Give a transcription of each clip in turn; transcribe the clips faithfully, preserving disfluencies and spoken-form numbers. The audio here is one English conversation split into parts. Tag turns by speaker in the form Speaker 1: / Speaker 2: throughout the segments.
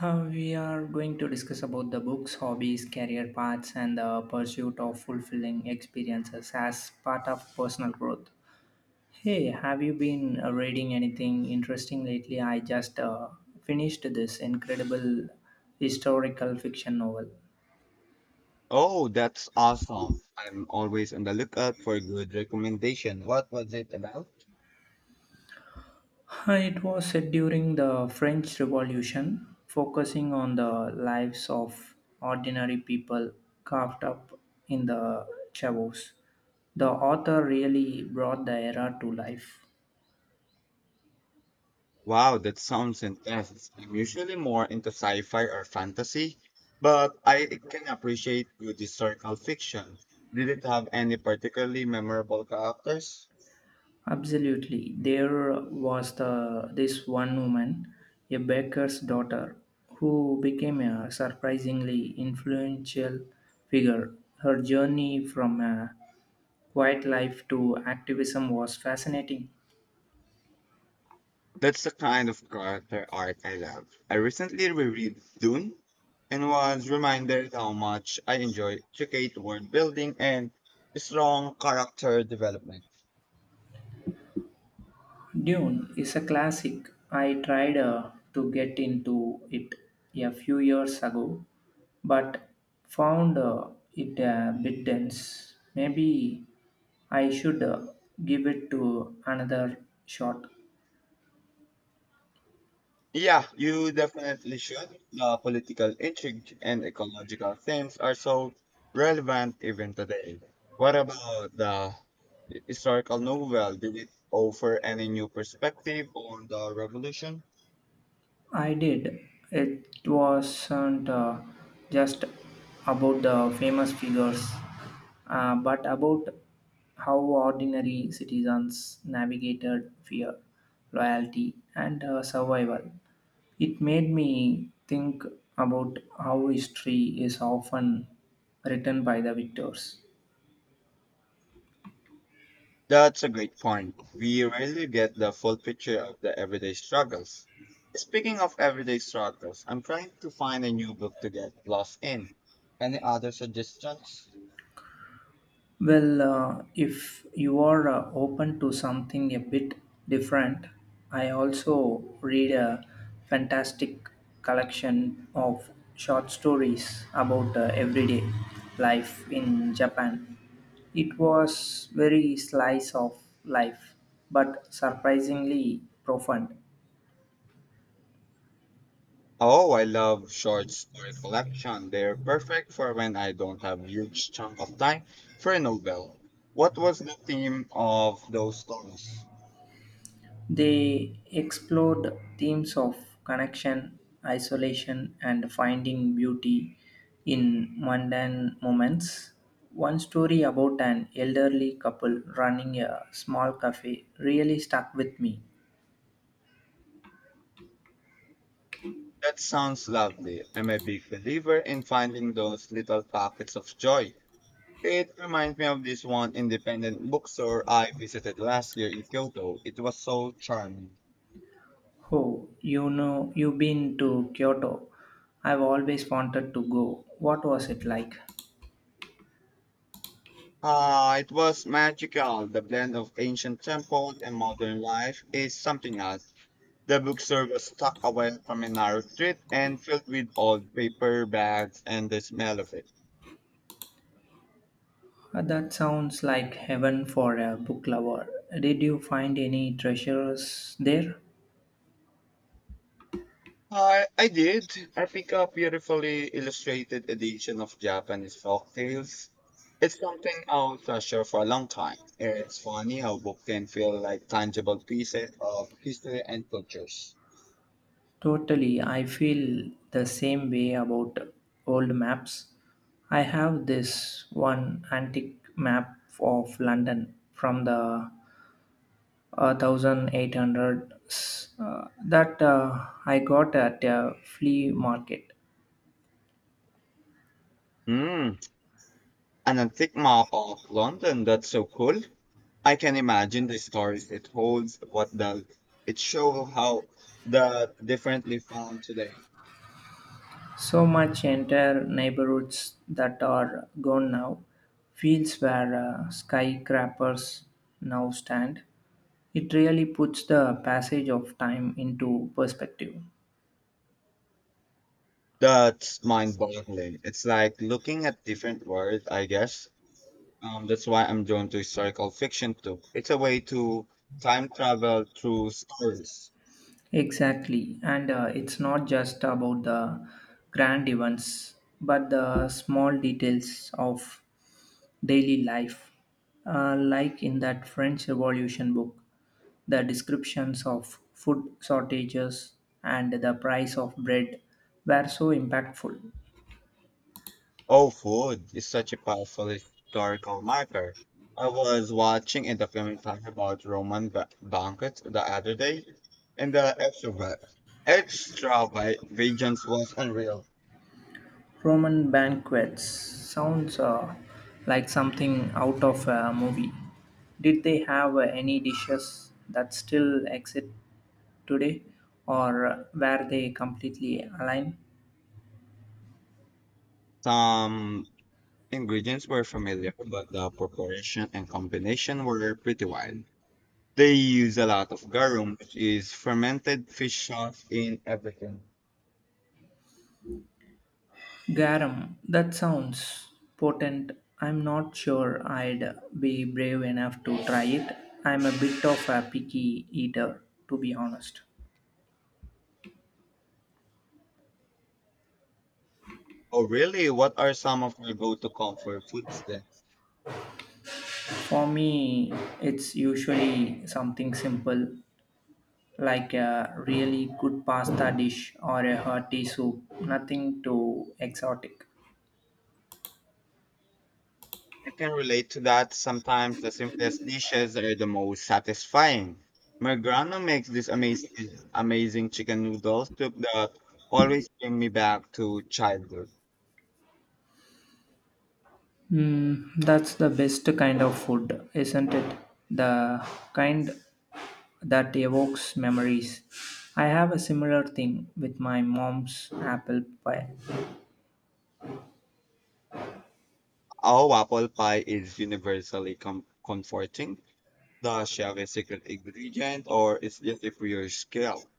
Speaker 1: Uh, we are going to discuss about the books, hobbies, career paths, and the pursuit of fulfilling experiences as part of personal growth. Hey, have you been uh, reading anything interesting lately? I just uh, finished this incredible historical fiction novel.
Speaker 2: Oh, that's awesome. I'm always on the lookout for a good recommendation. What was it about?
Speaker 1: Uh, It was set during the French Revolution, focusing on the lives of ordinary people carved up in the chavos. The author really brought the era to life.
Speaker 2: Wow, that sounds intense. I'm usually more into sci-fi or fantasy, but I can appreciate good historical fiction. Did it have any particularly memorable characters?
Speaker 1: Absolutely. There was the this one woman, a baker's daughter, who became a surprisingly influential figure. Her journey from a quiet life to activism was fascinating.
Speaker 2: That's the kind of character arc I love. I recently reread Dune and was reminded how much I enjoy intricate world building and strong character development.
Speaker 1: Dune is a classic. I tried uh, to get into it a few years ago, but found uh, it a bit dense. Maybe I should uh, give it to another shot.
Speaker 2: Yeah, you definitely should. The political intrigue and ecological themes are so relevant even today. What about the historical novel? Did it offer any new perspective on the revolution?
Speaker 1: I did. It wasn't uh, just about the famous figures, uh, but about how ordinary citizens navigated fear, loyalty, and uh, survival. It made me think about how history is often written by the victors.
Speaker 2: That's a great point. We rarely get the full picture of the everyday struggles. Speaking of everyday struggles, I'm trying to find a new book to get lost in. Any other suggestions?
Speaker 1: Well, uh, if you are uh, open to something a bit different, I also read a fantastic collection of short stories about uh, everyday life in Japan. It was very slice of life, but surprisingly profound.
Speaker 2: Oh, I love short story collection. They're perfect for when I don't have huge chunk of time for a novel. What was the theme of those stories?
Speaker 1: They explored themes of connection, isolation, and finding beauty in mundane moments. One story about an elderly couple running a small cafe really stuck with me.
Speaker 2: That sounds lovely. I'm a big believer in finding those little pockets of joy. It reminds me of this one independent bookstore I visited last year in Kyoto. It was so charming.
Speaker 1: Oh, you know, you've been to Kyoto. I've always wanted to go. What was it like?
Speaker 2: Ah, it was magical. The blend of ancient temples and modern life is something else. The bookstore was tucked away from a narrow street and filled with old paper bags and the smell of it.
Speaker 1: Uh, That sounds like heaven for a book lover. Did you find any treasures there?
Speaker 2: I, I did. I picked up beautifully illustrated edition of Japanese folk tales. It's something I'll treasure for a long time. It's funny how books can feel like tangible pieces of history and cultures.
Speaker 1: Totally, I feel the same way about old maps. I have this one antique map of London from the uh, eighteen hundreds uh, that uh, I got at a flea market.
Speaker 2: Hmm. An antique map of London. That's so cool. I can imagine the stories it holds, what the it show how the differently found today.
Speaker 1: So much entire neighborhoods that are gone now. Fields where uh, skyscrapers now stand. It really puts the passage of time into perspective.
Speaker 2: That's mind boggling. It's like looking at different worlds, I guess. Um, that's why I'm drawn to historical fiction too. It's a way to time travel through stories.
Speaker 1: Exactly. And uh, it's not just about the grand events, but the small details of daily life, uh, like in that French Revolution book. The descriptions of food shortages and the price of bread were so impactful.
Speaker 2: Oh, food is such a powerful historical marker. I was watching a documentary about Roman ba- banquets the other day, and the extra extravagance was unreal.
Speaker 1: Roman banquets sounds uh, like something out of a movie. Did they have uh, any dishes that still exist today, or were they completely aligned?
Speaker 2: Some ingredients were familiar, but the preparation and combination were pretty wild. They use a lot of garum, which is fermented fish sauce in everything.
Speaker 1: Garum, that sounds potent. I'm not sure I'd be brave enough to try it. I'm a bit of a picky eater, to be honest.
Speaker 2: Oh, really? What are some of your go-to comfort foods then?
Speaker 1: For me, it's usually something simple like a really good pasta dish or a hearty soup, nothing too exotic.
Speaker 2: I can relate to that. Sometimes the simplest dishes are the most satisfying. My grandma makes this amazing, amazing chicken noodle soup that always bring me back to childhood.
Speaker 1: Mm, that's the best kind of food, isn't it? The kind that evokes memories. I have a similar thing with my mom's apple pie.
Speaker 2: Our apple pie is universally com- comforting. Does she have a secret ingredient, or is just a pure skill?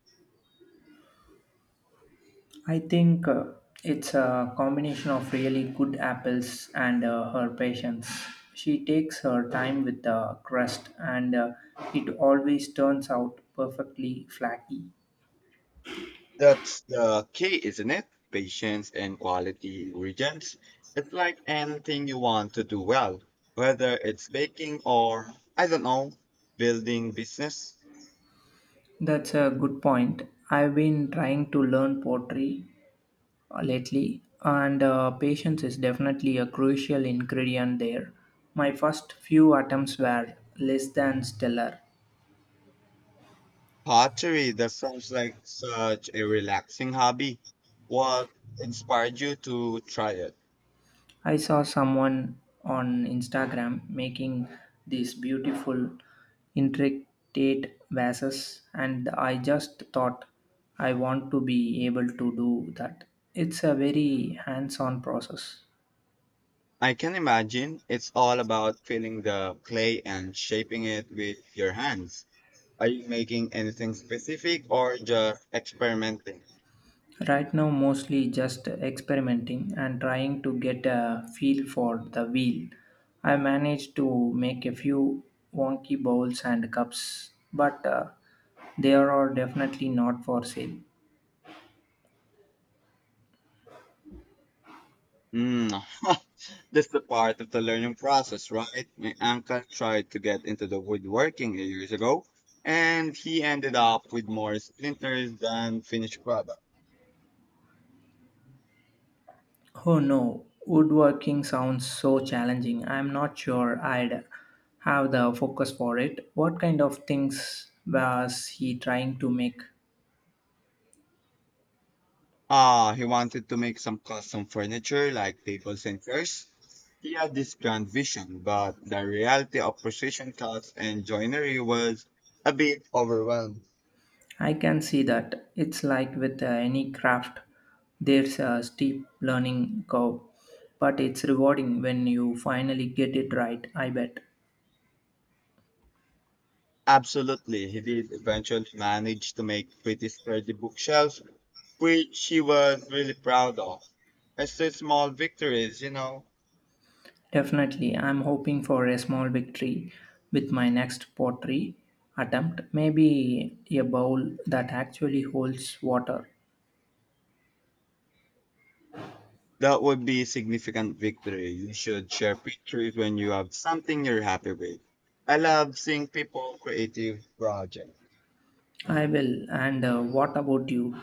Speaker 1: I think uh, it's a combination of really good apples and uh, her patience. She takes her time with the crust and uh, it always turns out perfectly flaky.
Speaker 2: That's the key, isn't it? Patience and quality ingredients. It's like anything you want to do well, whether it's baking or, I don't know, building business.
Speaker 1: That's a good point. I've been trying to learn pottery uh, lately, and uh, patience is definitely a crucial ingredient there. My first few attempts were less than stellar.
Speaker 2: Pottery, that sounds like such a relaxing hobby. What inspired you to try it?
Speaker 1: I saw someone on Instagram making these beautiful, intricate vases, and I just thought I want to be able to do that. It's a very hands on process.
Speaker 2: I can imagine it's all about feeling the clay and shaping it with your hands. Are you making anything specific or just experimenting?
Speaker 1: Right now, mostly just experimenting and trying to get a feel for the wheel. I managed to make a few wonky bowls and cups, but uh, they are definitely not for sale.
Speaker 2: Mm. That's the part of the learning process, right? My uncle tried to get into the woodworking years ago, and he ended up with more splinters than finished product.
Speaker 1: Oh no, woodworking sounds so challenging. I'm not sure I'd have the focus for it. What kind of things was he trying to make?
Speaker 2: Ah, he wanted to make some custom furniture like tables and chairs. He had this grand vision, but the reality of precision cuts and joinery was a bit overwhelmed.
Speaker 1: I can see that. It's like with uh, any craft, there's a steep learning curve, but it's rewarding when you finally get it right, I bet.
Speaker 2: Absolutely, he did eventually manage to make pretty sturdy bookshelves which she was really proud of. It's the small victories, you know.
Speaker 1: Definitely, I'm hoping for a small victory with my next pottery attempt, maybe a bowl that actually holds water.
Speaker 2: That would be a significant victory. You should share pictures when you have something you're happy with. I love seeing people creative projects.
Speaker 1: I will. And uh, what about you?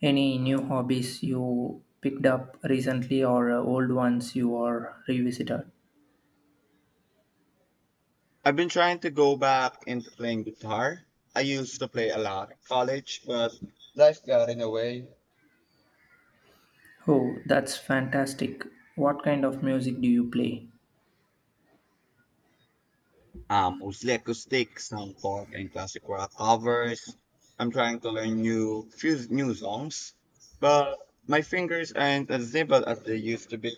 Speaker 1: Any new hobbies you picked up recently or uh, old ones you are revisited?
Speaker 2: I've been trying to go back into playing guitar. I used to play a lot in college, but life got in the way.
Speaker 1: Oh, that's fantastic. What kind of music do you play?
Speaker 2: Um, mostly acoustic, some folk and classic rock covers. I'm trying to learn new few new songs, but my fingers aren't as nimble as they used to be.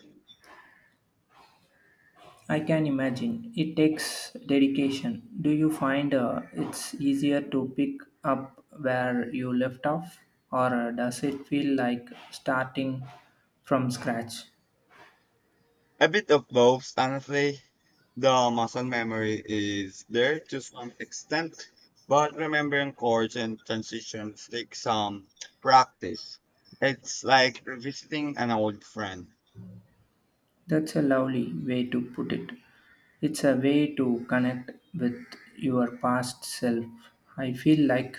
Speaker 1: I can imagine. It takes dedication. Do you find uh, it's easier to pick up where you left off, or uh, does it feel like starting from scratch?
Speaker 2: A bit of both, honestly. The muscle memory is there to some extent, but remembering chords and transitions takes some practice. It's like revisiting an old friend.
Speaker 1: That's a lovely way to put it. It's a way to connect with your past self. I feel like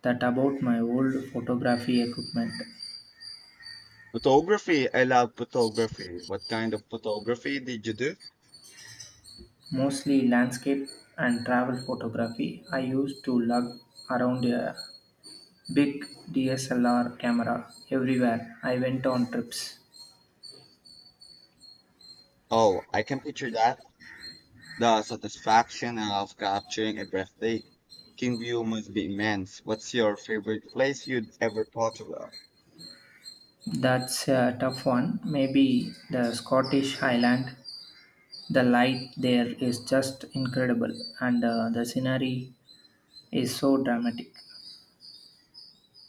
Speaker 1: that about my old photography equipment.
Speaker 2: Photography. I love photography. What kind of photography did you do?
Speaker 1: Mostly landscape and travel photography. I used to lug around a big D S L R camera everywhere I went on trips.
Speaker 2: Oh, I can picture that. The satisfaction of capturing a breathtaking view must be immense. What's your favorite place you'd ever thought about?
Speaker 1: That's a tough one. Maybe the Scottish Highland. The light there is just incredible, and uh, the scenery is so dramatic.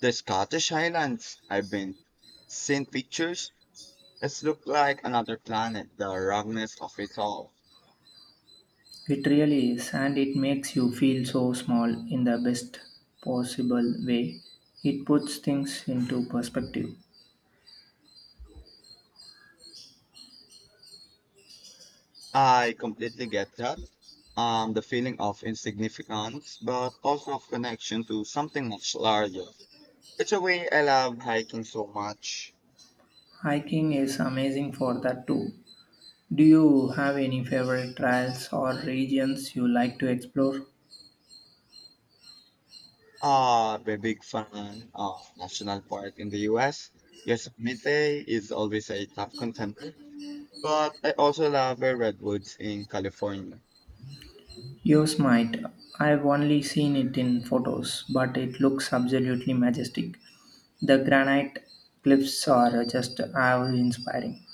Speaker 2: The Scottish Highlands. I've been seen pictures. It's looked like another planet, the roughness of it all.
Speaker 1: It really is, and it makes you feel so small in the best possible way. It puts things into perspective.
Speaker 2: I completely get that. Um, the feeling of insignificance, but also of connection to something much larger. It's a way I love hiking so much.
Speaker 1: Hiking is amazing for that too. Do you have any favorite trails or regions you like to explore?
Speaker 2: Uh, I'm a big fan of national park in the U S. Yosemite is always a top contender, but I also love the redwoods in California.
Speaker 1: Yosemite. I've only seen it in photos, but it looks absolutely majestic. The granite cliffs are just awe inspiring.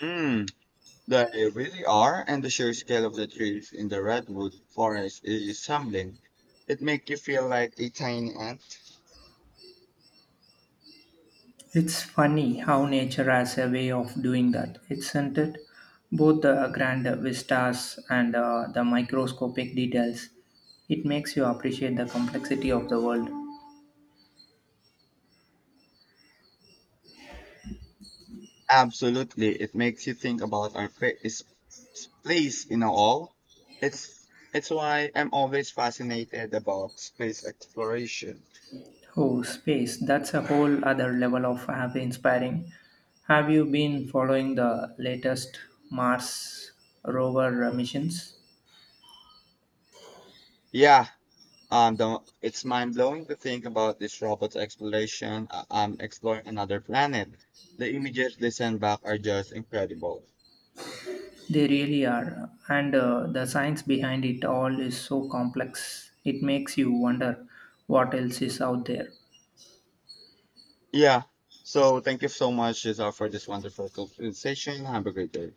Speaker 2: Mm, they really are, and the sheer scale of the trees in the redwood forest is humbling. It makes you feel like a tiny ant.
Speaker 1: It's funny how nature has a way of doing that, isn't it? Both the grand vistas and uh, the microscopic details. It makes you appreciate the complexity of the world.
Speaker 2: Absolutely, it makes you think about our pla- is- s- place in all. It's it's why I'm always fascinated about space exploration.
Speaker 1: Oh, space. That's a whole other level of have inspiring. Have you been following the latest Mars rover uh, missions?
Speaker 2: Yeah, Um, the, it's mind blowing to think about this robot's exploration, uh, um, exploring another planet. The images they send back are just incredible.
Speaker 1: They really are. And uh, the science behind it all is so complex. It makes you wonder what else is out there.
Speaker 2: Yeah. So thank you so much, Giselle, for this wonderful conversation. Have a great day.